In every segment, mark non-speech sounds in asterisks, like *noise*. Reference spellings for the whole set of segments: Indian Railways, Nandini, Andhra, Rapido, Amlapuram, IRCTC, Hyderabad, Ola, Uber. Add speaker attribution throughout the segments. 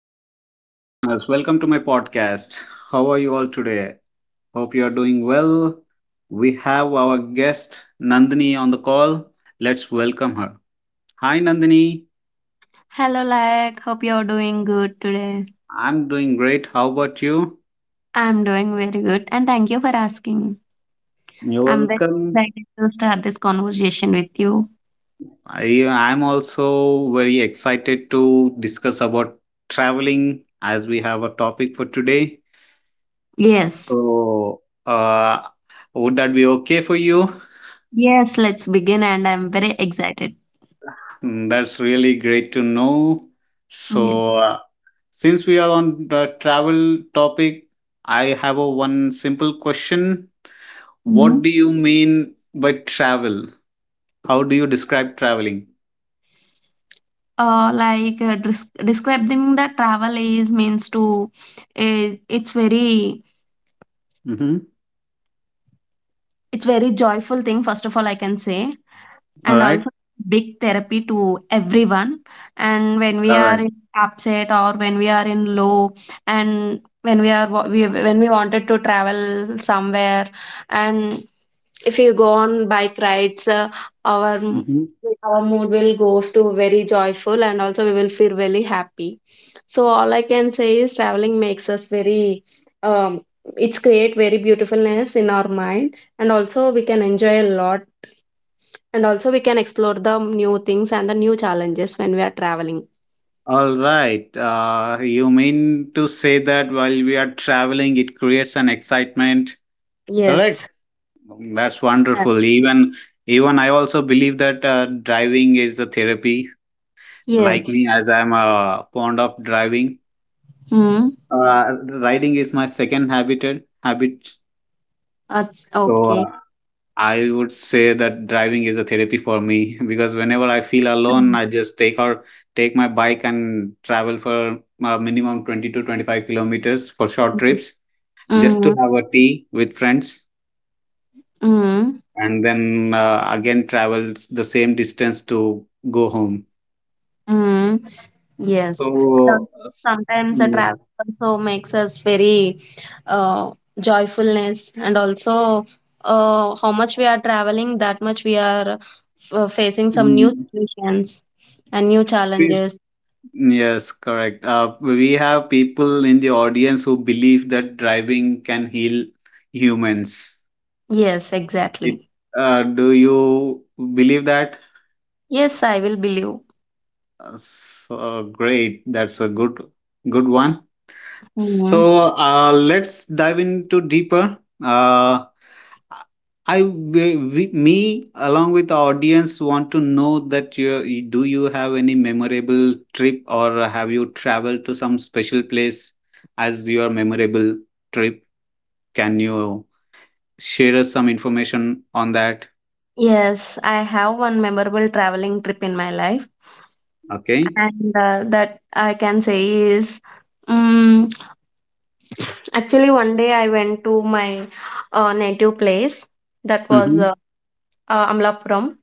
Speaker 1: Hello, listeners. Welcome to my podcast. How are you all today? Hope you are doing well. We have our guest Nandini on the call. Let's welcome her. Hi, Nandini.
Speaker 2: Hello, like, hope you're doing good today.
Speaker 1: I'm doing great. How about you?
Speaker 2: I'm doing very good, and thank you for asking.
Speaker 1: You're
Speaker 2: I'm very
Speaker 1: welcome.
Speaker 2: excited to start this conversation with you.
Speaker 1: I'm also very excited to discuss about traveling as we have a topic for today.
Speaker 2: Yes,
Speaker 1: So, would that be okay for you?
Speaker 2: yes, let's begin, and I'm very excited.
Speaker 1: Mm, that's really great to know.
Speaker 2: Yes.
Speaker 1: So, since we are on the travel topic, I have a one simple question. What
Speaker 2: Mhm.
Speaker 1: do you mean by travel? How do you describe traveling?
Speaker 2: Like describing the travel is means to, uh, it's very,
Speaker 1: Mm-hmm.
Speaker 2: it's very joyful thing. First of all, I can say.
Speaker 1: All
Speaker 2: And
Speaker 1: right.
Speaker 2: also big therapy to everyone, and when we are
Speaker 1: Correct.
Speaker 2: in upset or when we are in low, and when we are when we wanted to travel somewhere, and if you go on bike rides, our
Speaker 1: Mm-hmm.
Speaker 2: our mood will goes to very joyful, and also we will feel really happy, so all I can say is traveling makes us very, um, it's create very beautifulness in our mind, and also we can enjoy a lot. And also, we can explore the new things and the new challenges when we are traveling.
Speaker 1: All right. You mean to say that while we are traveling, it creates an excitement? Correct.
Speaker 2: Yes.
Speaker 1: That's
Speaker 2: Uh,
Speaker 1: wonderful. Even I also believe that driving is a therapy. Like
Speaker 2: Yes.
Speaker 1: me, as I'm fond of driving,
Speaker 2: Mm-hmm.
Speaker 1: uh, riding is my second habit.
Speaker 2: That's
Speaker 1: So
Speaker 2: okay.
Speaker 1: I would say that driving is a therapy for me *laughs* because whenever I feel alone,
Speaker 2: Mm.
Speaker 1: I just take my bike and travel for minimum 20 to 25 kilometers for short
Speaker 2: Mhm.
Speaker 1: trips just to
Speaker 2: Mm-hmm.
Speaker 1: have a tea with friends,
Speaker 2: Mm-hmm.
Speaker 1: and then again travel the same distance to go home.
Speaker 2: Mm-hmm. Yes. And also,
Speaker 1: So uh, s-
Speaker 2: sometimes the
Speaker 1: yeah.
Speaker 2: travel also makes us very, uh, joyfulness, and also, how much we are traveling, that much we are facing some new
Speaker 1: Mm.
Speaker 2: situations and new challenges.
Speaker 1: Yes, correct. We have people in the audience who believe that driving can heal humans.
Speaker 2: Yes,
Speaker 1: It,
Speaker 2: exactly.
Speaker 1: do you believe that?
Speaker 2: Yes, I will believe.
Speaker 1: So great. That's a good, good one.
Speaker 2: Mm.
Speaker 1: So let's dive into deeper. Uh, I, we, Me, along with the audience, want to know that, do you have any memorable trip, or have you traveled to some special place as your memorable trip? Can you share us some information on that?
Speaker 2: Yes, I have one memorable traveling trip in my life,
Speaker 1: Okay.
Speaker 2: and that I can say is, um, actually one day I went to my native place that was
Speaker 1: Mm-hmm.
Speaker 2: Amlapuram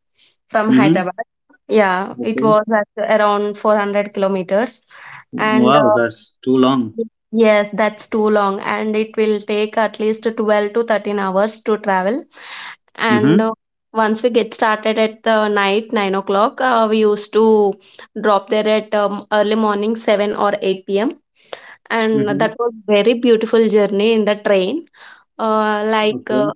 Speaker 2: from
Speaker 1: Mm-hmm.
Speaker 2: Hyderabad. Yeah, it
Speaker 1: Okay.
Speaker 2: was at around 400 kilometers, and
Speaker 1: Wow, that's too long.
Speaker 2: yes, that's too long, and it will take at least 12 to 13 hours to travel. And
Speaker 1: Mm-hmm.
Speaker 2: once we get started at the night, 9 o'clock, we used to drop there at, early morning, 7 or 8 p.m. And
Speaker 1: Mm-hmm.
Speaker 2: that was very beautiful journey in the train. Like,
Speaker 1: Okay.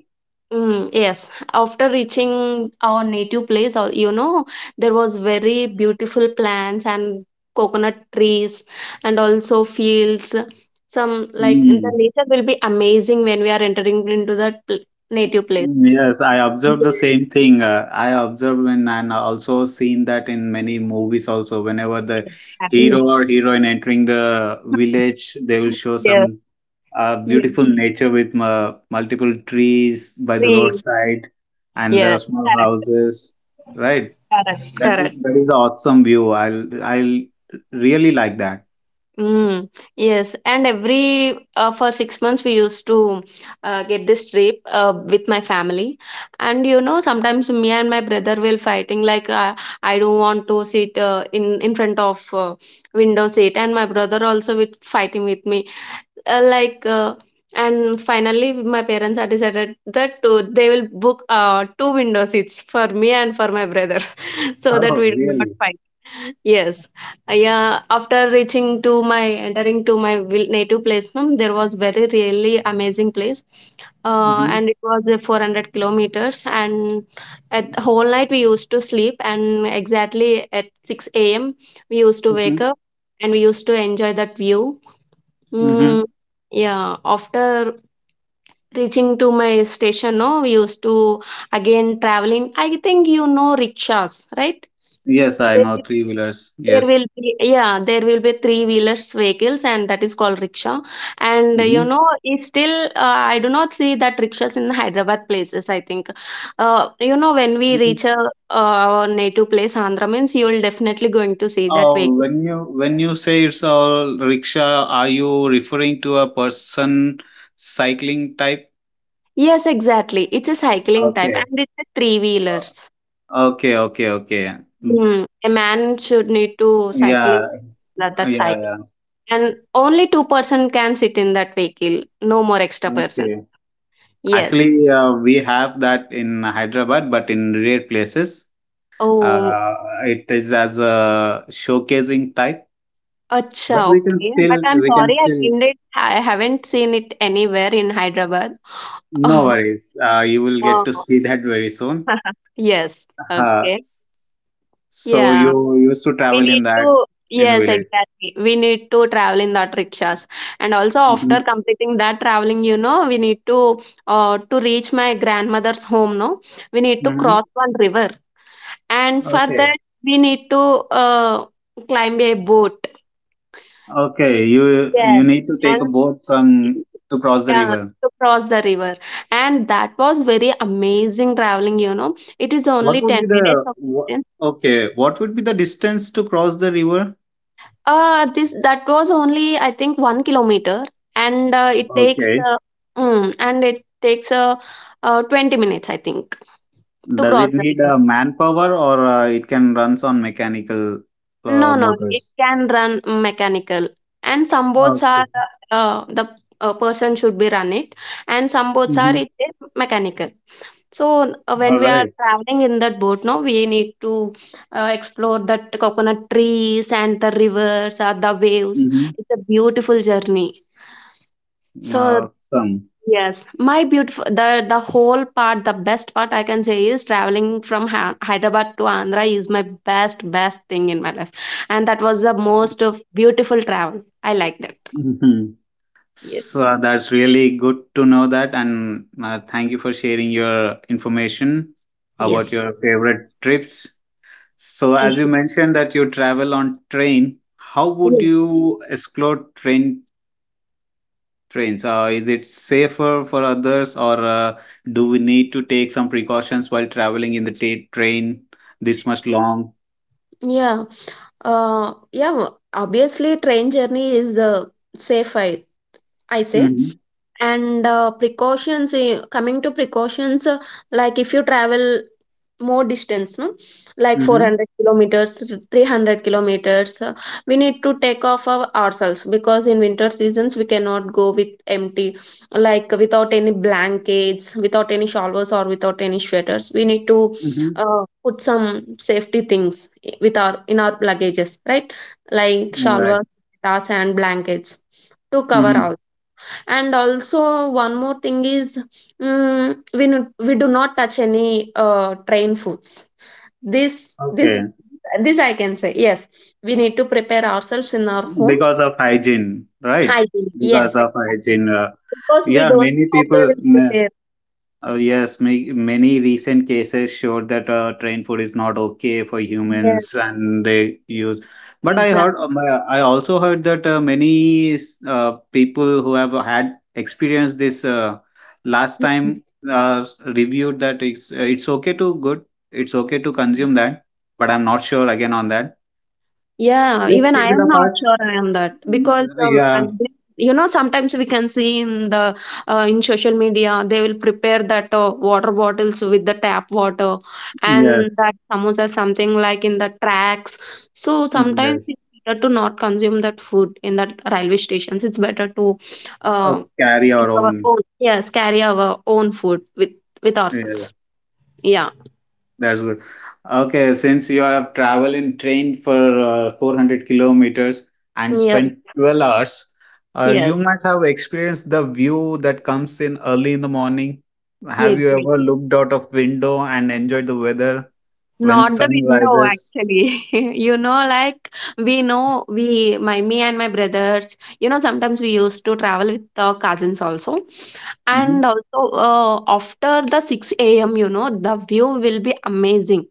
Speaker 2: Yes, after reaching our native place, you know, there was very beautiful plants and coconut trees and also fields. Some like the
Speaker 1: Mm.
Speaker 2: nature will be amazing when we are entering into that native place.
Speaker 1: Yes, I
Speaker 2: Yes,
Speaker 1: observed the same thing. I observed when and also seen that in many movies also. Whenever the
Speaker 2: yes,
Speaker 1: hero
Speaker 2: exactly.
Speaker 1: or heroine entering the village, they will show
Speaker 2: Yes,
Speaker 1: some
Speaker 2: yes,
Speaker 1: beautiful nature with multiple trees by the roadside and the
Speaker 2: yes,
Speaker 1: small
Speaker 2: correct,
Speaker 1: houses. Right?
Speaker 2: correct,
Speaker 1: That's
Speaker 2: correct.
Speaker 1: that is the awesome view. I'll really like that.
Speaker 2: Mm, yes, and every, for 6 months we used to get this trip, with my family, and you know sometimes me and my brother will fighting, like, I don't want to sit, in front of, window seat, and my brother also with fighting with me, uh, like uh, and finally my parents are decided that, they will book, two window seats for me and for my brother so that
Speaker 1: Oh,
Speaker 2: we do not
Speaker 1: really?
Speaker 2: fight. Yes. Yeah. After reaching to my entering to my native place, no, there was very really amazing place,
Speaker 1: Mm-hmm.
Speaker 2: and it was 400 kilometers. And at whole night we used to sleep, and exactly at 6 a.m. we used to wake
Speaker 1: Mm-hmm.
Speaker 2: up, and we used to enjoy that view.
Speaker 1: Mm-hmm.
Speaker 2: Mm, yeah, after reaching to my station, no, we used to again traveling. I think you know rickshaws, right?
Speaker 1: Yes, I
Speaker 2: They
Speaker 1: know three wheelers.
Speaker 2: There
Speaker 1: Yes.
Speaker 2: will be, yeah, there will be three wheelers vehicles, and that is called rickshaw. And you
Speaker 1: Mm-hmm.
Speaker 2: know, it's still, I do not see that rickshaws in Hyderabad places. I think, you know, when we reach a, our native place, Andhra means you will definitely going to see that
Speaker 1: Oh,
Speaker 2: vehicle.
Speaker 1: when you say it's all rickshaw, are you referring to a person cycling type?
Speaker 2: Yes, exactly. It's a cycling type,
Speaker 1: Okay.
Speaker 2: and it's a three wheelers.
Speaker 1: Okay, okay, okay. Mm,
Speaker 2: Hmm. A man should need to
Speaker 1: yeah,
Speaker 2: cycling that
Speaker 1: yeah,
Speaker 2: cycle,
Speaker 1: yeah.
Speaker 2: and only two-person can sit in that vehicle. No more extra person.
Speaker 1: Okay.
Speaker 2: Yes.
Speaker 1: Actually, we have that in Hyderabad, but in rare places.
Speaker 2: Oh,
Speaker 1: Uh, it is as a showcasing type, but
Speaker 2: Acha, okay. But I'm
Speaker 1: we can
Speaker 2: sorry, I
Speaker 1: still
Speaker 2: didn't. I haven't seen it anywhere in Hyderabad.
Speaker 1: no
Speaker 2: *laughs*
Speaker 1: worries. You will get to
Speaker 2: Oh,
Speaker 1: see that very soon.
Speaker 2: *laughs* yes.
Speaker 1: Uh,
Speaker 2: Okay.
Speaker 1: So
Speaker 2: Yeah.
Speaker 1: you used to
Speaker 2: We
Speaker 1: travel
Speaker 2: need
Speaker 1: in that,
Speaker 2: to.
Speaker 1: in the
Speaker 2: Yes,
Speaker 1: village.
Speaker 2: exactly. We need to travel in that rickshaws, and also after
Speaker 1: Hmm.
Speaker 2: completing that traveling, you know, we need to, to reach my grandmother's home. No, we need to cross
Speaker 1: Hmm.
Speaker 2: one river, and for
Speaker 1: Okay.
Speaker 2: that we need to, climb a boat.
Speaker 1: Okay. You
Speaker 2: Yes,
Speaker 1: need to take a
Speaker 2: and
Speaker 1: boat from to cross the
Speaker 2: yeah,
Speaker 1: river.
Speaker 2: to cross the river. And that was very amazing traveling, you know. It is
Speaker 1: What
Speaker 2: only
Speaker 1: would
Speaker 2: 10
Speaker 1: be
Speaker 2: minutes
Speaker 1: the
Speaker 2: of
Speaker 1: wha-
Speaker 2: distance.
Speaker 1: Okay? What would be the distance to cross the river?
Speaker 2: This that was only I think 1 kilometer, and it takes
Speaker 1: Okay.
Speaker 2: uh, mm, and it takes 20 minutes I think to
Speaker 1: Does
Speaker 2: cross
Speaker 1: it
Speaker 2: the
Speaker 1: need
Speaker 2: river.
Speaker 1: manpower, or it can runs on mechanical
Speaker 2: No, no, it
Speaker 1: motors?
Speaker 2: can run mechanical. And some boats are,
Speaker 1: Okay.
Speaker 2: the, person should be run it, and some boats are
Speaker 1: Mm-hmm.
Speaker 2: it is mechanical. So, when
Speaker 1: All
Speaker 2: we are
Speaker 1: right.
Speaker 2: traveling in that boat, no, we need to, explore that coconut trees and the rivers or the waves.
Speaker 1: Mm-hmm.
Speaker 2: It's a beautiful journey. So,
Speaker 1: Awesome.
Speaker 2: yes, my beautiful, the whole part, the best part I can say is traveling from Hyderabad to Andhra is my best thing in my life, and that was the most of beautiful travel. I like that.
Speaker 1: *laughs*
Speaker 2: Yes,
Speaker 1: So that's really good to know that, and thank you for sharing your information about
Speaker 2: yes,
Speaker 1: your favorite trips. So, as you
Speaker 2: thank
Speaker 1: mentioned that you travel on train, how would
Speaker 2: you.
Speaker 1: you explore trains? Is it safer for others, or do we need to take some precautions while traveling in the train this much long?
Speaker 2: Yeah. Yeah. Obviously, train journey is, safe. I say.
Speaker 1: Mm-hmm.
Speaker 2: And, coming to precautions, like if you travel more distance, no? Like
Speaker 1: Mm-hmm.
Speaker 2: 400 kilometers, 300 kilometers, we need to take off ourselves, because in winter seasons we cannot go with empty, like without any blankets, without any shawls, or without any sweaters. We need to,
Speaker 1: Mm-hmm.
Speaker 2: put some safety things with, our luggages, right? Like
Speaker 1: All right.
Speaker 2: shawls, sandals, and blankets to
Speaker 1: Mm-hmm.
Speaker 2: cover. And also one more thing is, we we do not touch any, train foods. this this
Speaker 1: Okay.
Speaker 2: this I can say. Yes, we need to prepare ourselves in our homes.
Speaker 1: Because of hygiene, right?
Speaker 2: Hygiene, yes,
Speaker 1: Because of
Speaker 2: exactly.
Speaker 1: hygiene,
Speaker 2: Because we
Speaker 1: yeah,
Speaker 2: don't
Speaker 1: many
Speaker 2: know how they
Speaker 1: people
Speaker 2: will prepare.
Speaker 1: yes, many recent cases showed that train food is not okay for
Speaker 2: Yes,
Speaker 1: humans, and they use. But I
Speaker 2: exactly.
Speaker 1: heard I also heard that many people who have had experienced this last time reviewed that it's okay to good, it's okay to consume that. But I'm not sure again on that.
Speaker 2: Yeah,
Speaker 1: Let's
Speaker 2: even
Speaker 1: keep
Speaker 2: I
Speaker 1: it
Speaker 2: am not
Speaker 1: apart.
Speaker 2: sure, I am that, because
Speaker 1: Yeah.
Speaker 2: you know sometimes we can see in the, in social media they will prepare that, water bottles with the tap water, and
Speaker 1: Yes,
Speaker 2: that samosa something like in the tracks. So sometimes
Speaker 1: yes.
Speaker 2: it's better to not consume that food in that railway stations. It's better to, uh,
Speaker 1: Carry
Speaker 2: take
Speaker 1: our
Speaker 2: our
Speaker 1: own.
Speaker 2: own, yes, carry our own food with
Speaker 1: Yes,
Speaker 2: ourselves. Yeah.
Speaker 1: that's good. Okay, since you have traveled in train for 400 kilometers and
Speaker 2: Yes.
Speaker 1: spent 12 hours, you
Speaker 2: Yes.
Speaker 1: might have experienced the view that comes in early in the morning.
Speaker 2: Yeah.
Speaker 1: Have you ever looked out of window and enjoyed the weather when
Speaker 2: Not the
Speaker 1: sun
Speaker 2: window,
Speaker 1: rises?
Speaker 2: actually. *laughs* You know, like we know, we, my, me and my brothers, you know, sometimes we used to travel with the cousins also.
Speaker 1: Mm-hmm.
Speaker 2: And also, after the 6 a.m., you know, the view will be amazing.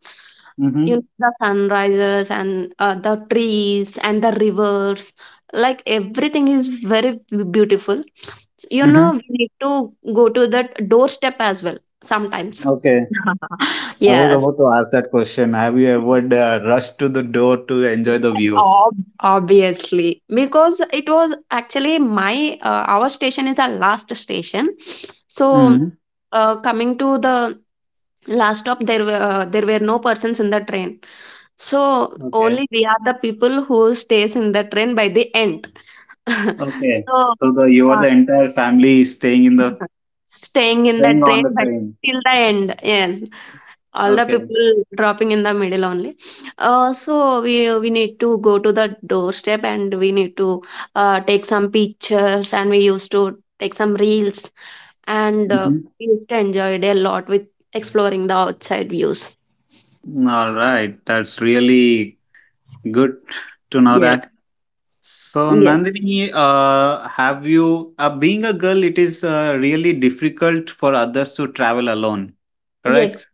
Speaker 2: You
Speaker 1: Mm-hmm.
Speaker 2: know, the sunrises and, the trees and the rivers, like everything is very beautiful. You know,
Speaker 1: Mm-hmm.
Speaker 2: we need to go to the doorstep as well sometimes.
Speaker 1: Okay,
Speaker 2: *laughs*
Speaker 1: I was
Speaker 2: Yes.
Speaker 1: about to ask that question. Have you ever rushed to the door to enjoy the view?
Speaker 2: Ob- Obviously, because it was actually, my our station is the last station, so,
Speaker 1: Mm-hmm.
Speaker 2: coming to the last stop, there were no persons in the train, so
Speaker 1: Okay.
Speaker 2: only we are the people who stays in the train by the end. *laughs*
Speaker 1: Okay.
Speaker 2: So,
Speaker 1: So the you are
Speaker 2: uh,
Speaker 1: the entire family is
Speaker 2: *laughs* staying in the
Speaker 1: staying on
Speaker 2: train
Speaker 1: the
Speaker 2: by
Speaker 1: train.
Speaker 2: till the end, yes. All the
Speaker 1: Okay.
Speaker 2: people dropping in the middle only. So we need to go to the doorstep, and we need to, take some pictures, and we used to take some reels, and,
Speaker 1: Mhm.
Speaker 2: we used to enjoy it a lot with exploring the outside views.
Speaker 1: All right. That's really good to know
Speaker 2: Yes.
Speaker 1: that. So,
Speaker 2: Yes.
Speaker 1: Nandini, have you being a girl? It is really difficult for others to travel alone, correct?
Speaker 2: Yes.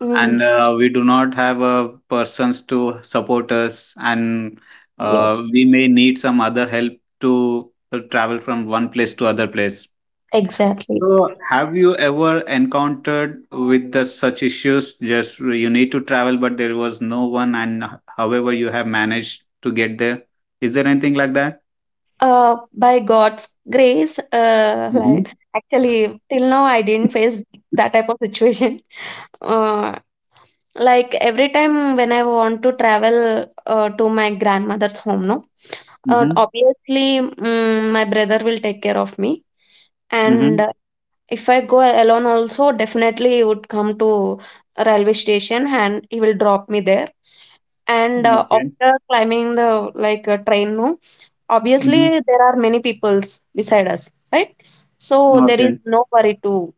Speaker 2: Mm,
Speaker 1: And we do not have persons to support us, and
Speaker 2: yes.
Speaker 1: we may need some other help to travel from one place to other place.
Speaker 2: Exactly.
Speaker 1: So, have you ever encountered with such issues? Just you need to travel, but there was no one, and however you have managed to get there. Is there anything like that?
Speaker 2: By God's grace,
Speaker 1: Mm-hmm.
Speaker 2: like actually till now I didn't face that type of situation. Uh, like every time when I want to travel, to my grandmother's home, no,
Speaker 1: Mm-hmm.
Speaker 2: obviously, my brother will take care of me. And,
Speaker 1: Mm-hmm.
Speaker 2: if I go alone, also definitely he would come to a railway station, and he will drop me there. And,
Speaker 1: Okay.
Speaker 2: after climbing the, like, train, no,
Speaker 1: Mm-hmm.
Speaker 2: obviously there are many peoples beside us, right? So there is
Speaker 1: Okay.
Speaker 2: no worry to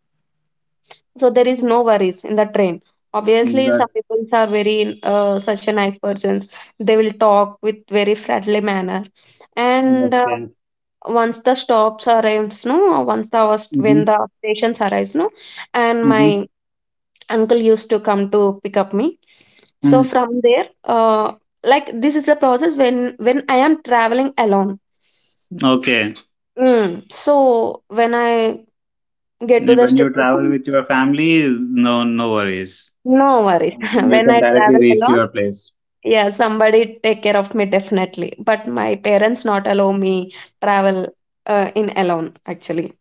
Speaker 2: so there is no worries in the train. Obviously, some
Speaker 1: That,
Speaker 2: people are very, such a nice persons. They will talk with very friendly manner. And,
Speaker 1: okay.
Speaker 2: once the stops arrives, no, once
Speaker 1: Mm-hmm.
Speaker 2: when the stations arrives, no, and
Speaker 1: Mm-hmm.
Speaker 2: my uncle used to come to pick up me. So
Speaker 1: Mm-hmm.
Speaker 2: from there, like this is a process when I am traveling alone.
Speaker 1: Okay.
Speaker 2: Mm. So when I get to the
Speaker 1: When you travel
Speaker 2: station,
Speaker 1: with your family, no, no worries.
Speaker 2: no worries. *laughs*
Speaker 1: You
Speaker 2: When
Speaker 1: can
Speaker 2: I
Speaker 1: directly
Speaker 2: travel
Speaker 1: reach
Speaker 2: alone.
Speaker 1: your place.
Speaker 2: Yeah, somebody take care of me definitely. But my parents not allow me travel, in alone actually.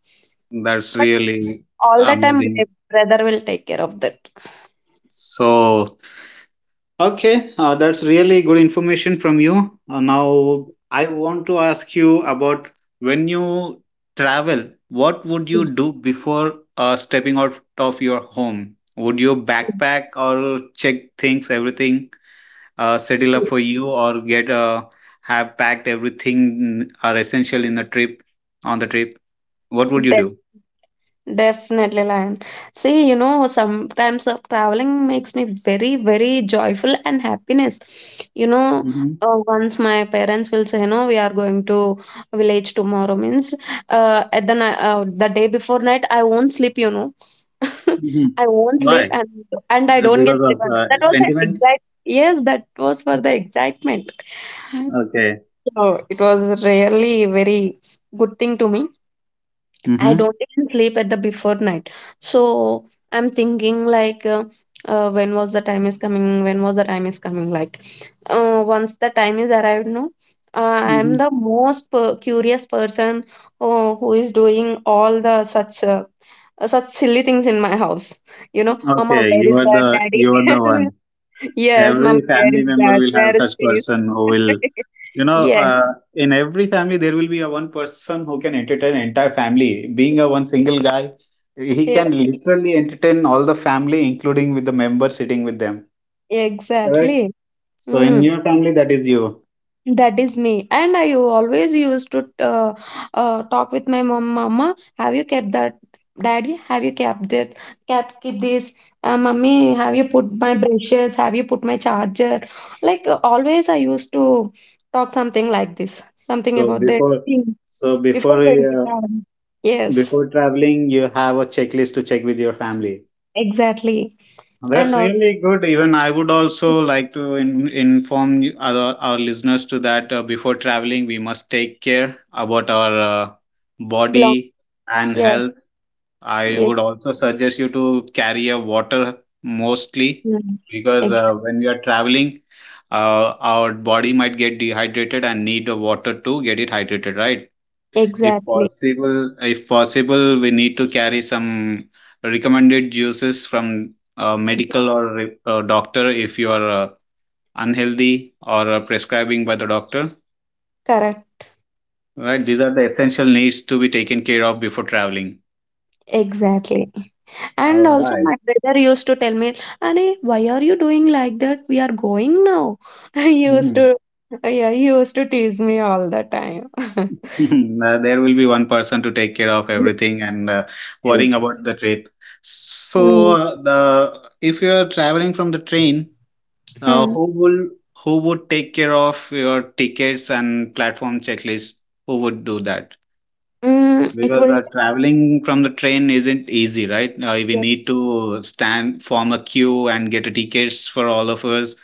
Speaker 1: That's
Speaker 2: But
Speaker 1: really
Speaker 2: all the time my
Speaker 1: amazing.
Speaker 2: brother will take care of that.
Speaker 1: So, okay, that's really good information from you. Now, I want to ask you about when you travel, what would you do before stepping out of your home? Would you
Speaker 2: Mm.
Speaker 1: backpack or check things, everything, settle up for you, or get have packed everything, are essential in the trip on the trip? What would you do?
Speaker 2: Definitely, Lion. See, you know, sometimes, traveling makes me very, very joyful and happiness. You know,
Speaker 1: Hmm.
Speaker 2: once my parents will say, "No, we are going to village tomorrow," means, the day before night, I won't sleep. You know,
Speaker 1: Hmm.
Speaker 2: *laughs* I won't sleep,
Speaker 1: Why?
Speaker 2: and I don't
Speaker 1: Because
Speaker 2: get sleep.
Speaker 1: of
Speaker 2: That was the
Speaker 1: sentiment?
Speaker 2: exact. Yes, that was for the excitement.
Speaker 1: Okay.
Speaker 2: So it was really very good thing to me. I
Speaker 1: Mm-hmm.
Speaker 2: don't even sleep at the before night. So I'm thinking like, when was the time is coming? When was the time is coming? Like, once the time is arrived, no, I'm the most curious person who is doing all the such such silly things in my house. You know, Mama,
Speaker 1: Okay,
Speaker 2: where is
Speaker 1: you are
Speaker 2: that,
Speaker 1: the you are the
Speaker 2: Daddy?
Speaker 1: one.
Speaker 2: *laughs* Yes, Mama,
Speaker 1: Every
Speaker 2: where
Speaker 1: family
Speaker 2: is
Speaker 1: member
Speaker 2: that?
Speaker 1: will
Speaker 2: Where
Speaker 1: have
Speaker 2: is
Speaker 1: such person who
Speaker 2: this?
Speaker 1: will
Speaker 2: *laughs*
Speaker 1: you know
Speaker 2: yeah,
Speaker 1: in every family there will be a one person who can entertain entire family. Being a one single guy, he
Speaker 2: yeah,
Speaker 1: can literally entertain all the family, including with the member sitting with them. Correct.
Speaker 2: exactly.
Speaker 1: So
Speaker 2: Hmm.
Speaker 1: in your family, that is you.
Speaker 2: That is me. And I always used to talk with my mom, Mama, have you kept that? Daddy, have you kept it? Kept Keep this? Mummy, have you put my brushes? Have you put my charger? Like always, I used to talk something like this, something
Speaker 1: So
Speaker 2: about the
Speaker 1: before
Speaker 2: thing
Speaker 1: so
Speaker 2: before
Speaker 1: before
Speaker 2: going to
Speaker 1: uh,
Speaker 2: bed. Yes,
Speaker 1: before traveling, you have a checklist to check with your family.
Speaker 2: exactly. And
Speaker 1: That's
Speaker 2: also
Speaker 1: really good. Even I would also like to inform our listeners to that, before traveling, we must take care about our uh,
Speaker 2: belong.
Speaker 1: body and
Speaker 2: Yes,
Speaker 1: health. I
Speaker 2: yes,
Speaker 1: would also suggest you to carry a water, mostly
Speaker 2: yes.
Speaker 1: because
Speaker 2: Ex-
Speaker 1: when we are traveling, our body might get dehydrated and need the water to get it hydrated, right?
Speaker 2: exactly.
Speaker 1: If possible, we need to carry some recommended juices from medical, or doctor, if you are unhealthy, or prescribing by the doctor.
Speaker 2: Correct.
Speaker 1: Right, these are the essential needs to be taken care of before traveling.
Speaker 2: Exactly.
Speaker 1: All
Speaker 2: And also,
Speaker 1: right.
Speaker 2: my brother used to tell me, "Anne, why are you doing like that? We are going now." *laughs* He used
Speaker 1: Hmm.
Speaker 2: to, yeah, he used to tease me all the time. *laughs*
Speaker 1: *laughs* There will be one person to take care of everything and
Speaker 2: Yes.
Speaker 1: worrying about the trip. So,
Speaker 2: Mm,
Speaker 1: the if you are traveling from the train, Uh,
Speaker 2: hmm.
Speaker 1: who will who would take care of your tickets and platform checklist? Who would do that?
Speaker 2: Mm, it
Speaker 1: Because
Speaker 2: will,
Speaker 1: traveling from the train isn't easy, right? We
Speaker 2: yes,
Speaker 1: need to stand, form a queue, and get a tickets for all of us,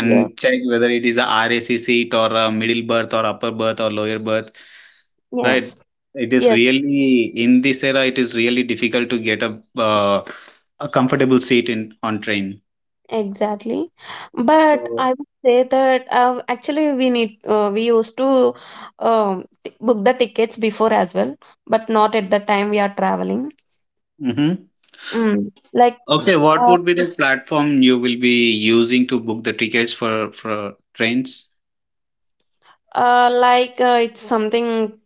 Speaker 2: yes,
Speaker 1: check whether it is a RAC seat or a middle berth or upper berth or lower berth, right?
Speaker 2: yes,
Speaker 1: It is
Speaker 2: yes,
Speaker 1: really in this era. It is really difficult to get a comfortable seat in on train.
Speaker 2: exactly. But I
Speaker 1: So.
Speaker 2: would say that actually we used to book the tickets before as well, but not at the time we are traveling.
Speaker 1: Mhm.
Speaker 2: Mm. Like, yeah.
Speaker 1: Okay, what would be the platform you will be using to book the tickets for trains?
Speaker 2: Like, it's something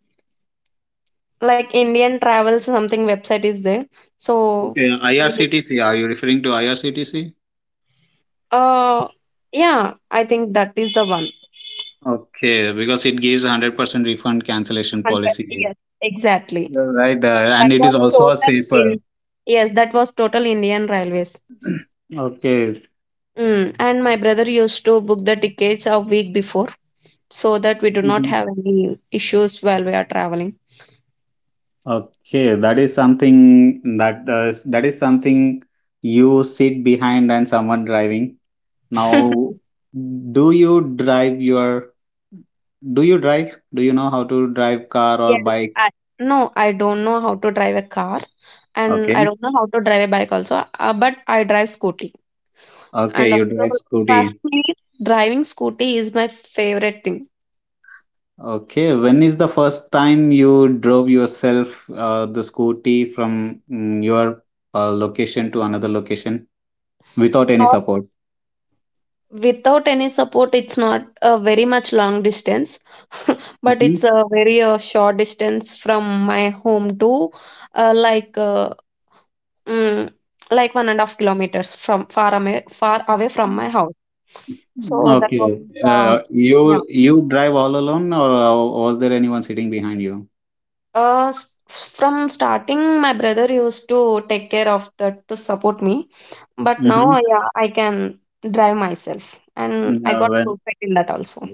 Speaker 2: like Indian Travels something website is there. So,
Speaker 1: Okay,
Speaker 2: really?
Speaker 1: IRCTC. Are you referring to IRCTC?
Speaker 2: uh, yeah, I think that is the one.
Speaker 1: Okay, because it gives 100% refund cancellation
Speaker 2: Hunter,
Speaker 1: policy.
Speaker 2: yes, exactly.
Speaker 1: You're right, and
Speaker 2: That
Speaker 1: it is
Speaker 2: was
Speaker 1: also a
Speaker 2: total
Speaker 1: safer.
Speaker 2: in. Yes, that was total Indian Railways.
Speaker 1: Okay.
Speaker 2: Mm. And my brother used to book the tickets a week before so that we do not
Speaker 1: Mhm.
Speaker 2: have any issues while we are traveling.
Speaker 1: Okay, that is something that uh, that is something you sit behind and someone driving.
Speaker 2: *laughs*
Speaker 1: Now, do you drive your do you drive? Do you know how to drive car or
Speaker 2: Yes,
Speaker 1: bike?
Speaker 2: I no, I don't know how to drive a car, and I
Speaker 1: Okay.
Speaker 2: don't know how to drive a bike also. But I drive scooty, and
Speaker 1: Okay, you drive
Speaker 2: also trust
Speaker 1: scooty.
Speaker 2: me, driving scooty is my favorite thing.
Speaker 1: Okay, when is the first time you drove yourself the scooty from your location to another location without any
Speaker 2: Uh,
Speaker 1: support?
Speaker 2: Without any support, it's not a very much long distance, but
Speaker 1: Hmm.
Speaker 2: it's a very short distance from my home to uh, like uh, mm, like 1.5 kilometers from far away from my house. So that was
Speaker 1: Okay.
Speaker 2: uh,
Speaker 1: Uh,
Speaker 2: yeah.
Speaker 1: you you drive all alone, or was there anyone sitting behind you?
Speaker 2: Uh, s- from starting, my brother used to take care of that to support me, but now
Speaker 1: Mm-hmm.
Speaker 2: I can drive myself, and I
Speaker 1: No,
Speaker 2: got
Speaker 1: when
Speaker 2: perfect in that also.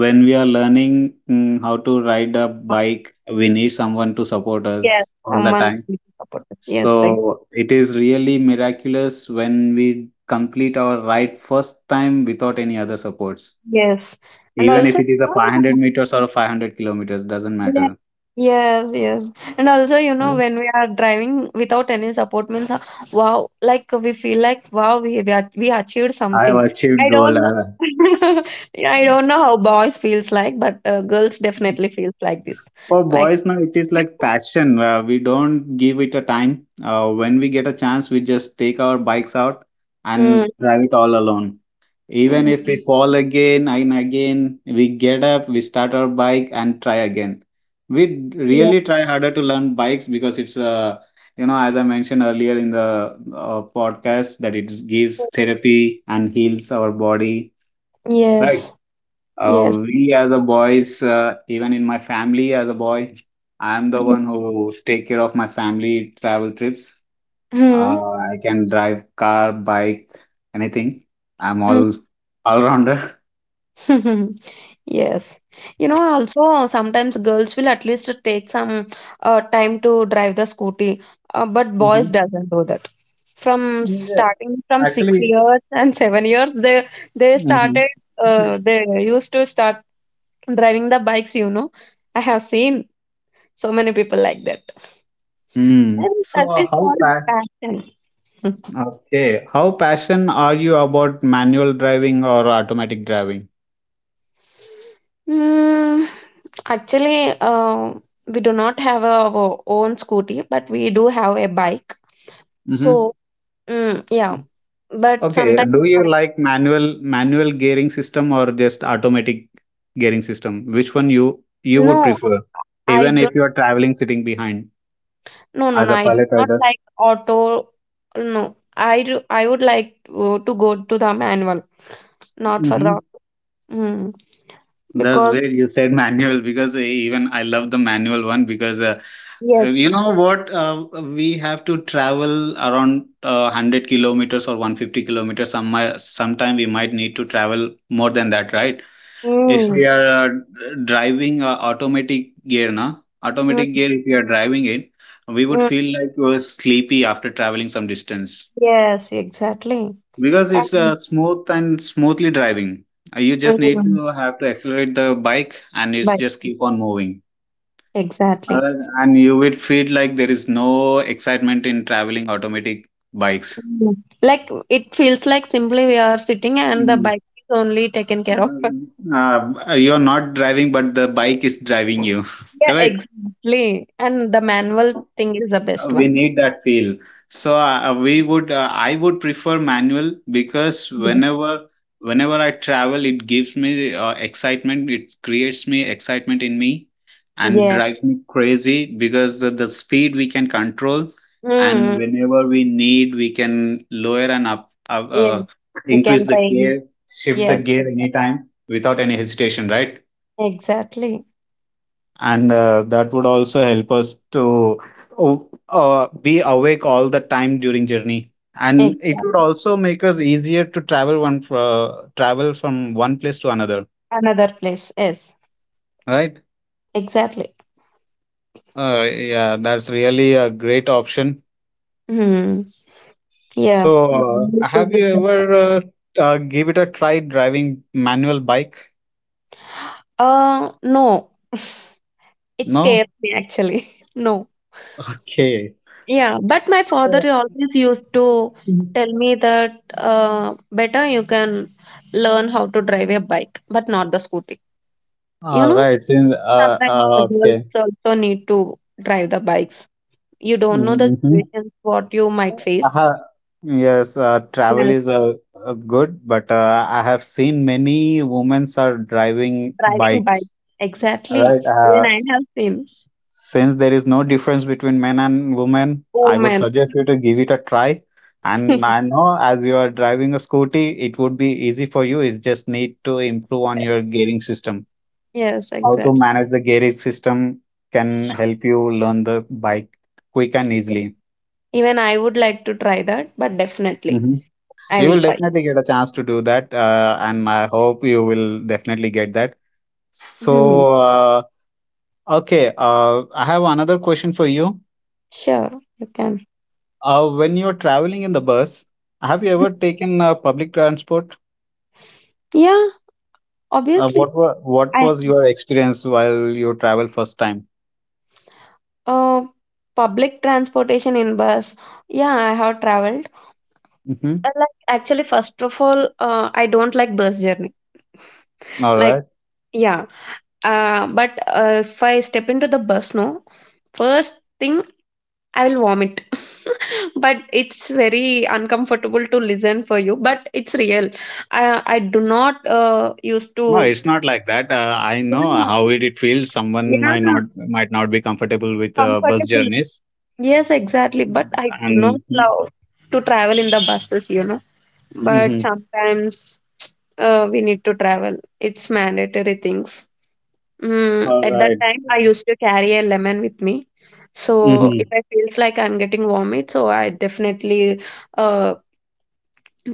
Speaker 1: when we are learning how to ride a
Speaker 2: But
Speaker 1: bike, we need someone to support us
Speaker 2: yes,
Speaker 1: all the
Speaker 2: someone
Speaker 1: time.
Speaker 2: will support us.
Speaker 1: So it is really miraculous when we complete our ride first time without any other supports,
Speaker 2: Yes, and
Speaker 1: even if
Speaker 2: also,
Speaker 1: it
Speaker 2: you
Speaker 1: is a 500
Speaker 2: know,
Speaker 1: meters or a 500 kilometers, doesn't
Speaker 2: yeah.
Speaker 1: matter.
Speaker 2: Yes, yes. And also, you know,
Speaker 1: Yeah.
Speaker 2: when we are driving without any support means, wow, like we feel like, wow, we achieved
Speaker 1: I have
Speaker 2: something.
Speaker 1: achieved
Speaker 2: I don't
Speaker 1: goal. I
Speaker 2: know.
Speaker 1: have-
Speaker 2: *laughs* Yeah, I don't know how boys feels like, but girls definitely feels like this.
Speaker 1: for
Speaker 2: Like,
Speaker 1: boys, now it is like passion. We don't give it a time. When we get a chance, we just take our bikes out
Speaker 2: mm,
Speaker 1: and drive it all alone. Even if we
Speaker 2: mm.
Speaker 1: fall again and again, we get up, we start our bike and try again. We
Speaker 2: Yeah.
Speaker 1: really try harder to learn bikes because it's a, you know, as I mentioned earlier in the podcast, that it gives therapy and heals our body. Right.
Speaker 2: Yes. Yes.
Speaker 1: We as a boys, even in my family as a boy, I'm the one who take care of my family travel trips.
Speaker 2: Mm-hmm.
Speaker 1: I can drive car, bike, anything. I'm all rounder.
Speaker 2: *laughs* Yes. You know, also sometimes girls will at least take some time to drive the scooty, but boys
Speaker 1: *laughs*
Speaker 2: doesn't do that. From
Speaker 1: Yeah.
Speaker 2: starting from six
Speaker 1: Actually,
Speaker 2: years *laughs* and 7 years, they
Speaker 1: hmm
Speaker 2: started.
Speaker 1: *clears throat*
Speaker 2: They used to start driving the bikes. You know, I have seen so many people like that,
Speaker 1: Hmm.
Speaker 2: and
Speaker 1: so
Speaker 2: that
Speaker 1: uh,
Speaker 2: is
Speaker 1: how
Speaker 2: called
Speaker 1: fast?
Speaker 2: passion. *laughs*
Speaker 1: Okay. How passionate are you about manual driving or automatic driving?
Speaker 2: Mm, actually, we do not have a, our own scooty, but we do have a bike.
Speaker 1: hmm
Speaker 2: So mm, yeah, but
Speaker 1: Okay.
Speaker 2: sometimes
Speaker 1: Do
Speaker 2: my
Speaker 1: you like manual gearing system or just automatic gearing system? Which one you would
Speaker 2: no,
Speaker 1: prefer?
Speaker 2: I
Speaker 1: Even if
Speaker 2: don't.
Speaker 1: you are traveling sitting behind
Speaker 2: No, no,
Speaker 1: as
Speaker 2: no.
Speaker 1: a
Speaker 2: I do
Speaker 1: pilot
Speaker 2: not
Speaker 1: rider.
Speaker 2: like auto. No, I do. I would like to go to the manual, not for the.
Speaker 1: Mm-hmm.
Speaker 2: Mm,
Speaker 1: That's
Speaker 2: because
Speaker 1: great you said *laughs* manual because even I love the manual one because
Speaker 2: yes.
Speaker 1: you know what we have to travel around 100 kilometers or 150 kilometers sometime we might need to travel more than that, right? If we
Speaker 2: Mm,
Speaker 1: are driving automatic
Speaker 2: mm,
Speaker 1: gear, if we are driving it, we would
Speaker 2: mm,
Speaker 1: feel like we are sleepy after traveling some distance,
Speaker 2: yes, exactly.
Speaker 1: because it's
Speaker 2: And
Speaker 1: smooth and smoothly driving. You just need
Speaker 2: mm,
Speaker 1: to have to accelerate the bike and it's
Speaker 2: bike.
Speaker 1: just keep on moving.
Speaker 2: Exactly.
Speaker 1: Uh, and you will feel like there is no excitement in traveling automatic bikes.
Speaker 2: Mm. Like it feels like simply we are sitting and the
Speaker 1: Mm.
Speaker 2: bike is only taken care of.
Speaker 1: You're not driving, but the bike is driving you. *laughs*
Speaker 2: Yeah,
Speaker 1: Correct?
Speaker 2: exactly. And the manual thing is the best
Speaker 1: We
Speaker 2: one.
Speaker 1: need that feel, so we would I would prefer manual because
Speaker 2: Yes.
Speaker 1: whenever I travel it gives me excitement, it creates me excitement in me and
Speaker 2: Yeah.
Speaker 1: drives me crazy because the speed we can control, and
Speaker 2: Mm,
Speaker 1: whenever we need we can lower and up, up
Speaker 2: yes,
Speaker 1: uh,
Speaker 2: we
Speaker 1: increase
Speaker 2: can
Speaker 1: the
Speaker 2: raise.
Speaker 1: gear, shift the
Speaker 2: Yes,
Speaker 1: gear
Speaker 2: exa-
Speaker 1: anytime without any hesitation, right?
Speaker 2: exactly.
Speaker 1: And that would also help us to be awake all the time during journey, and it would
Speaker 2: Exactly.
Speaker 1: also make us easier to travel travel from one place to another,
Speaker 2: Another place. Yes,
Speaker 1: right?
Speaker 2: exactly.
Speaker 1: Yeah, that's really a great option.
Speaker 2: Mm, yes.
Speaker 1: So
Speaker 2: Maldives is
Speaker 1: have you
Speaker 2: the best.
Speaker 1: ever give it a try driving manual bike?
Speaker 2: No. *laughs* It
Speaker 1: No.
Speaker 2: scares me actually. *laughs* No.
Speaker 1: Okay.
Speaker 2: Yeah, but my father
Speaker 1: Uh,
Speaker 2: always used to
Speaker 1: mhm.
Speaker 2: tell me that better you can learn how to drive a bike, but not the scooty. You
Speaker 1: All
Speaker 2: know,
Speaker 1: right, since
Speaker 2: sometimes the girls
Speaker 1: okay.
Speaker 2: also need to drive the bikes. You don't know the
Speaker 1: Mhm.
Speaker 2: situations what you might face.
Speaker 1: Uh, yes, travel
Speaker 2: Yes,
Speaker 1: is good, but I have seen many women are driving
Speaker 2: driving bike.
Speaker 1: bikes,
Speaker 2: Exactly.
Speaker 1: right?
Speaker 2: Even I have seen.
Speaker 1: Since there is no difference between men and women,
Speaker 2: Oh
Speaker 1: I would
Speaker 2: man.
Speaker 1: suggest you to give it a try. And I
Speaker 2: *laughs*
Speaker 1: know as you are driving a scooty, it would be easy for you. It's just need to improve on your gearing system.
Speaker 2: Yes,
Speaker 1: How to
Speaker 2: exactly.
Speaker 1: manage the gearing system can help you learn the bike quick and easily.
Speaker 2: Even I would like to try that, but definitely
Speaker 1: Mhm.
Speaker 2: I
Speaker 1: You
Speaker 2: will
Speaker 1: will
Speaker 2: try.
Speaker 1: definitely get a chance to do that, and I hope you will definitely get that.
Speaker 2: Hmm.
Speaker 1: So, okay, I have another question for you.
Speaker 2: Sure, you can.
Speaker 1: When you're traveling in the bus, have you ever
Speaker 2: *laughs*
Speaker 1: taken public transport?
Speaker 2: Yeah, obviously.
Speaker 1: What
Speaker 2: I
Speaker 1: was your experience while you travel first time?
Speaker 2: uh Public transportation in bus. Yeah, I have traveled.
Speaker 1: Mm-hmm.
Speaker 2: I like actually first of all, I don't like bus journey.
Speaker 1: All
Speaker 2: Like,
Speaker 1: right.
Speaker 2: yeah. But if I step into the bus, no, first thing I will vomit. *laughs* But it's very uncomfortable to listen for you. But it's real. I do not used to.
Speaker 1: No, it's not like that. I know
Speaker 2: Yeah,
Speaker 1: how it feels. Someone might
Speaker 2: yeah,
Speaker 1: not be comfortable with bus
Speaker 2: comfortable.
Speaker 1: journeys,
Speaker 2: Yes, exactly. But I do not
Speaker 1: and
Speaker 2: love to travel in the buses, you know. But
Speaker 1: mhm.
Speaker 2: sometimes we need to travel. It's mandatory things. Mm,
Speaker 1: All
Speaker 2: at that
Speaker 1: right.
Speaker 2: time, I used to carry a lemon with me. So if
Speaker 1: Mm-hmm.
Speaker 2: I feels like I'm getting vomit, so I definitely uh,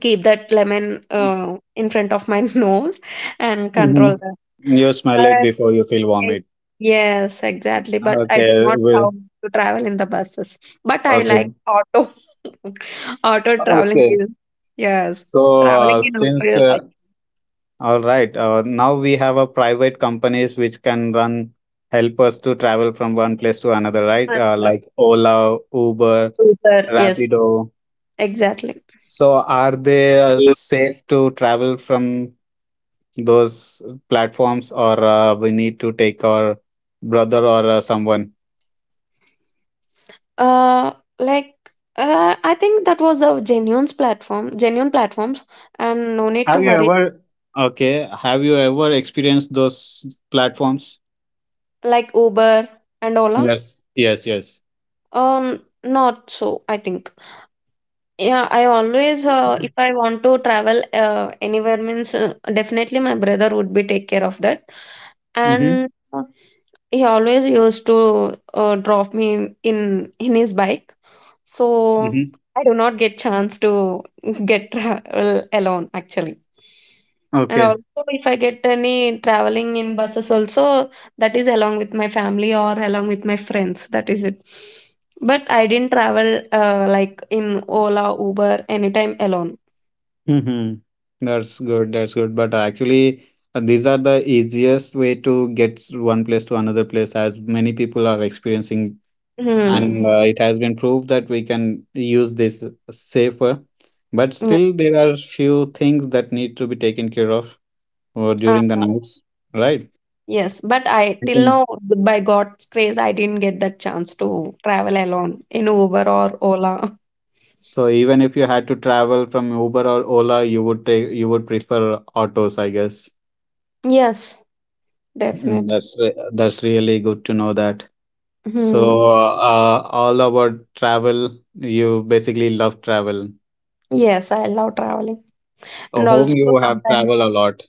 Speaker 2: keep that lemon in front of my *laughs* nose and control
Speaker 1: Mm-hmm.
Speaker 2: that.
Speaker 1: You smell it
Speaker 2: But
Speaker 1: before you feel
Speaker 2: I-
Speaker 1: vomit.
Speaker 2: yes, exactly. But I do
Speaker 1: Okay.
Speaker 2: not
Speaker 1: Well,
Speaker 2: love to travel in the buses. But I like
Speaker 1: okay.
Speaker 2: auto. *laughs* Auto traveling
Speaker 1: Okay.
Speaker 2: is Yes,
Speaker 1: So
Speaker 2: traveling in auto
Speaker 1: since
Speaker 2: is like
Speaker 1: all right, now we have a private companies which can run help us to travel from one place to another, right?
Speaker 2: another
Speaker 1: Like Ola, Uber,
Speaker 2: super. Yes,
Speaker 1: Rapido.
Speaker 2: exactly.
Speaker 1: So are they safe to travel from those platforms, or we need to take our brother or someone?
Speaker 2: Uh, like I think that was a genuine platform, genuine platforms, and no need to
Speaker 1: Have you
Speaker 2: worry.
Speaker 1: ever okay? Have you ever experienced those platforms?
Speaker 2: Like Uber and Ola,
Speaker 1: Yes, yes, yes.
Speaker 2: not so. I think. Yeah, I always, if I want to travel anywhere, means definitely my brother would be take care of that.
Speaker 1: Mm-hmm.
Speaker 2: And he always used to drop me in his bike. So
Speaker 1: Mm-hmm.
Speaker 2: I do not get chance to get *laughs* travel alone actually. And
Speaker 1: Okay.
Speaker 2: also, if I get any traveling in buses also, that is along with my family or along with my friends. That is it. But I didn't travel like in Ola, Uber, anytime alone.
Speaker 1: Mm-hmm. That's good. That's good. But actually, these are the easiest way to get one place to another place, as many people are experiencing,
Speaker 2: Hmm.
Speaker 1: and it has been proved that we can use this safer. But
Speaker 2: Yeah.
Speaker 1: still, there are few things that need to be taken care of
Speaker 2: Uh,
Speaker 1: during the nights, right?
Speaker 2: yes, but I till now, by God's grace, I didn't get that chance to travel alone in Uber or Ola.
Speaker 1: So even if you had to travel from Uber or Ola, you would prefer autos, I guess.
Speaker 2: Yes,
Speaker 1: Mm,
Speaker 2: definitely.
Speaker 1: That's really good to know that. So
Speaker 2: Hmm.
Speaker 1: all about travel, you basically love travel.
Speaker 2: Yes, I love traveling, and
Speaker 1: Whom
Speaker 2: also
Speaker 1: you have
Speaker 2: sometimes
Speaker 1: traveled a lot.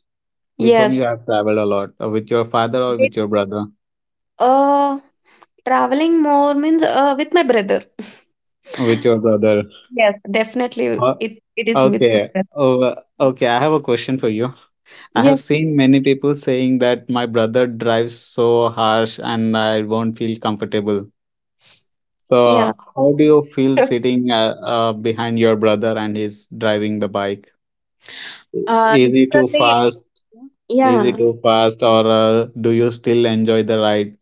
Speaker 1: With whom
Speaker 2: yes,
Speaker 1: you have traveled a lot. With your father or with
Speaker 2: with,
Speaker 1: your brother?
Speaker 2: uh, traveling more means with my brother.
Speaker 1: With your brother.
Speaker 2: Yes, definitely,
Speaker 1: Uh,
Speaker 2: it is with my
Speaker 1: okay.
Speaker 2: brother.
Speaker 1: Oh, okay, I have a question for you. I have
Speaker 2: Yes,
Speaker 1: seen many people saying that my brother drives so harsh and I won't feel comfortable. So,
Speaker 2: yeah.
Speaker 1: how do you feel
Speaker 2: *laughs*
Speaker 1: sitting behind your brother and he's driving the bike? Is he too
Speaker 2: Literally,
Speaker 1: fast? Is he
Speaker 2: yeah.
Speaker 1: too fast, or do you still enjoy the ride?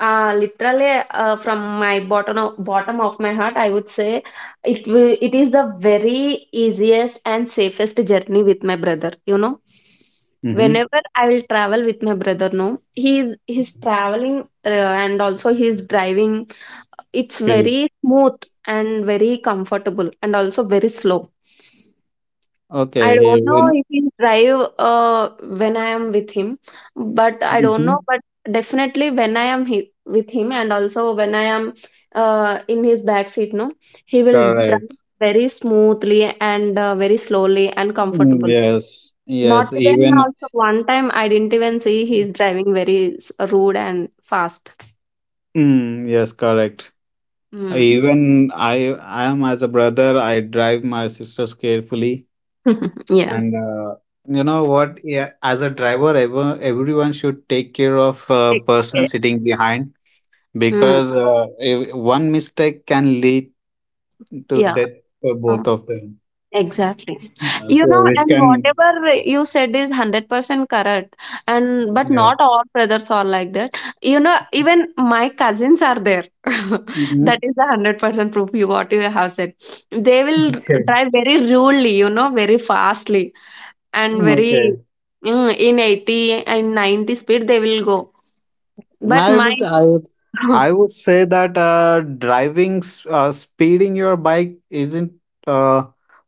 Speaker 2: Literally, from bottom of my heart, I would say it is the very easiest and safest journey with my brother. You know,
Speaker 1: Mm-hmm.
Speaker 2: whenever I will travel with my brother, no, he's traveling and also he's driving. It's
Speaker 1: Skills.
Speaker 2: very smooth and very comfortable and also very slow. I
Speaker 1: Okay,
Speaker 2: don't know
Speaker 1: even
Speaker 2: if he'll drive when I am with him, but I don't
Speaker 1: mm-hmm.
Speaker 2: know. But definitely when I am with him, and also when I am in his back seat, no, he will drive
Speaker 1: Correct.
Speaker 2: very smoothly and very slowly and
Speaker 1: Mm,
Speaker 2: comfortable.
Speaker 1: yes,
Speaker 2: Not
Speaker 1: yes,
Speaker 2: even
Speaker 1: even
Speaker 2: also one time I didn't even see he's driving very rude and fast.
Speaker 1: mm, yes, correct.
Speaker 2: Mm.
Speaker 1: Even I am as a brother. I drive my sisters carefully,
Speaker 2: *laughs* Yeah.
Speaker 1: and you know what, yeah, as a driver, everyone should take care of person
Speaker 2: Okay.
Speaker 1: sitting behind,
Speaker 2: Mm.
Speaker 1: because if one mistake can lead to
Speaker 2: Yeah.
Speaker 1: death for both of them,
Speaker 2: Exactly. You
Speaker 1: so
Speaker 2: know,
Speaker 1: which
Speaker 2: and
Speaker 1: can
Speaker 2: whatever you said is 100% correct. And but not
Speaker 1: yes.
Speaker 2: all brothers are like that. You know, even my cousins are there. *laughs* That
Speaker 1: Mhm.
Speaker 2: is the 100% proof you what you have said. They will
Speaker 1: *laughs* Okay,
Speaker 2: drive very rudely, you know, very fastly and very
Speaker 1: okay.
Speaker 2: mm, in 80 and 90 speed they will go. But
Speaker 1: I
Speaker 2: my
Speaker 1: would, I would,
Speaker 2: *laughs*
Speaker 1: I would say that speeding your bike isn't a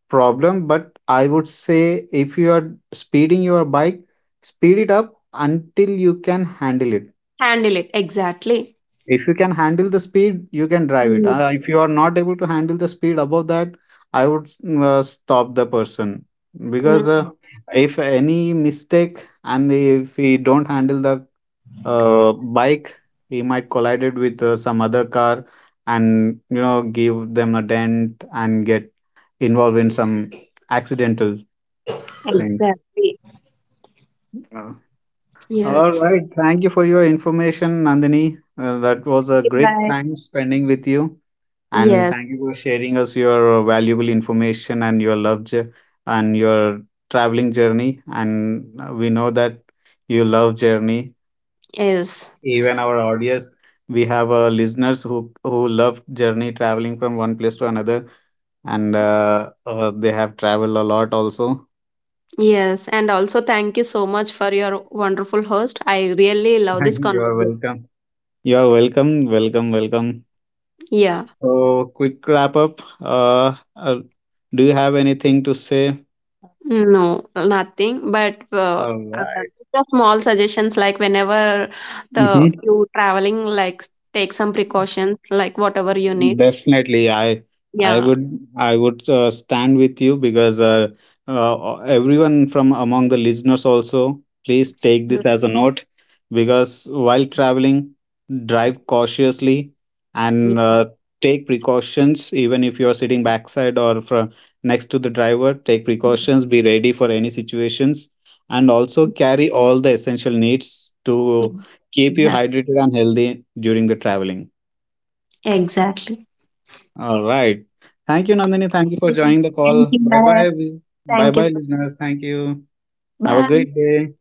Speaker 1: problem, but I would say if you are speeding your bike, speed it up until you can handle it.
Speaker 2: handle it exactly.
Speaker 1: If you can handle the speed you can drive it,
Speaker 2: Mm,
Speaker 1: if you are not able to handle the speed above that, I would stop the person, because
Speaker 2: mm,
Speaker 1: if any mistake and if he don't handle the bike, he might collide it with some other car, and you know give them a dent and get involved in some accidental things.
Speaker 2: exactly.
Speaker 1: Uh,
Speaker 2: Yes.
Speaker 1: all right, thank you for your information, nandini. Uh, that was
Speaker 2: Thank
Speaker 1: a
Speaker 2: you,
Speaker 1: great
Speaker 2: bye.
Speaker 1: time spending with you. And
Speaker 2: Yes,
Speaker 1: thank you for sharing us your valuable information and your and your traveling journey. And we know that you love journey.
Speaker 2: yes.
Speaker 1: Even our audience, we have listeners who love journey traveling from one place to another, and they have traveled a lot also.
Speaker 2: Yes, and also thank you so much for your wonderful host. I really love
Speaker 1: *laughs*
Speaker 2: this
Speaker 1: You are
Speaker 2: conversation.
Speaker 1: welcome. You are welcome, welcome, welcome.
Speaker 2: Yeah,
Speaker 1: So, quick wrap up. Do you have anything to say?
Speaker 2: no, nothing. But
Speaker 1: All
Speaker 2: uh,
Speaker 1: right.
Speaker 2: just small suggestions like whenever the
Speaker 1: Hmm.
Speaker 2: you traveling, like take some precautions, like whatever you need.
Speaker 1: Definitely, I
Speaker 2: Yeah.
Speaker 1: would I would stand with you because everyone from among the listeners also please take
Speaker 2: Mm,
Speaker 1: this as a note because while traveling, drive cautiously
Speaker 2: mm,
Speaker 1: and take precautions. Even if you are sitting backside or fr next to the driver, take
Speaker 2: mm,
Speaker 1: precautions. Be ready for any situations and also carry all the essential needs to
Speaker 2: mm.
Speaker 1: keep you
Speaker 2: Exactly.
Speaker 1: hydrated and healthy during the traveling.
Speaker 2: Exactly.
Speaker 1: All right. Thank you, Nandini. Thank you for joining the
Speaker 2: Thank
Speaker 1: call.
Speaker 2: you.
Speaker 1: Bye
Speaker 2: Bye.
Speaker 1: bye. Bye
Speaker 2: Thank you
Speaker 1: bye,
Speaker 2: so much.
Speaker 1: listeners. Thank you. Have a
Speaker 2: Bye.
Speaker 1: great day.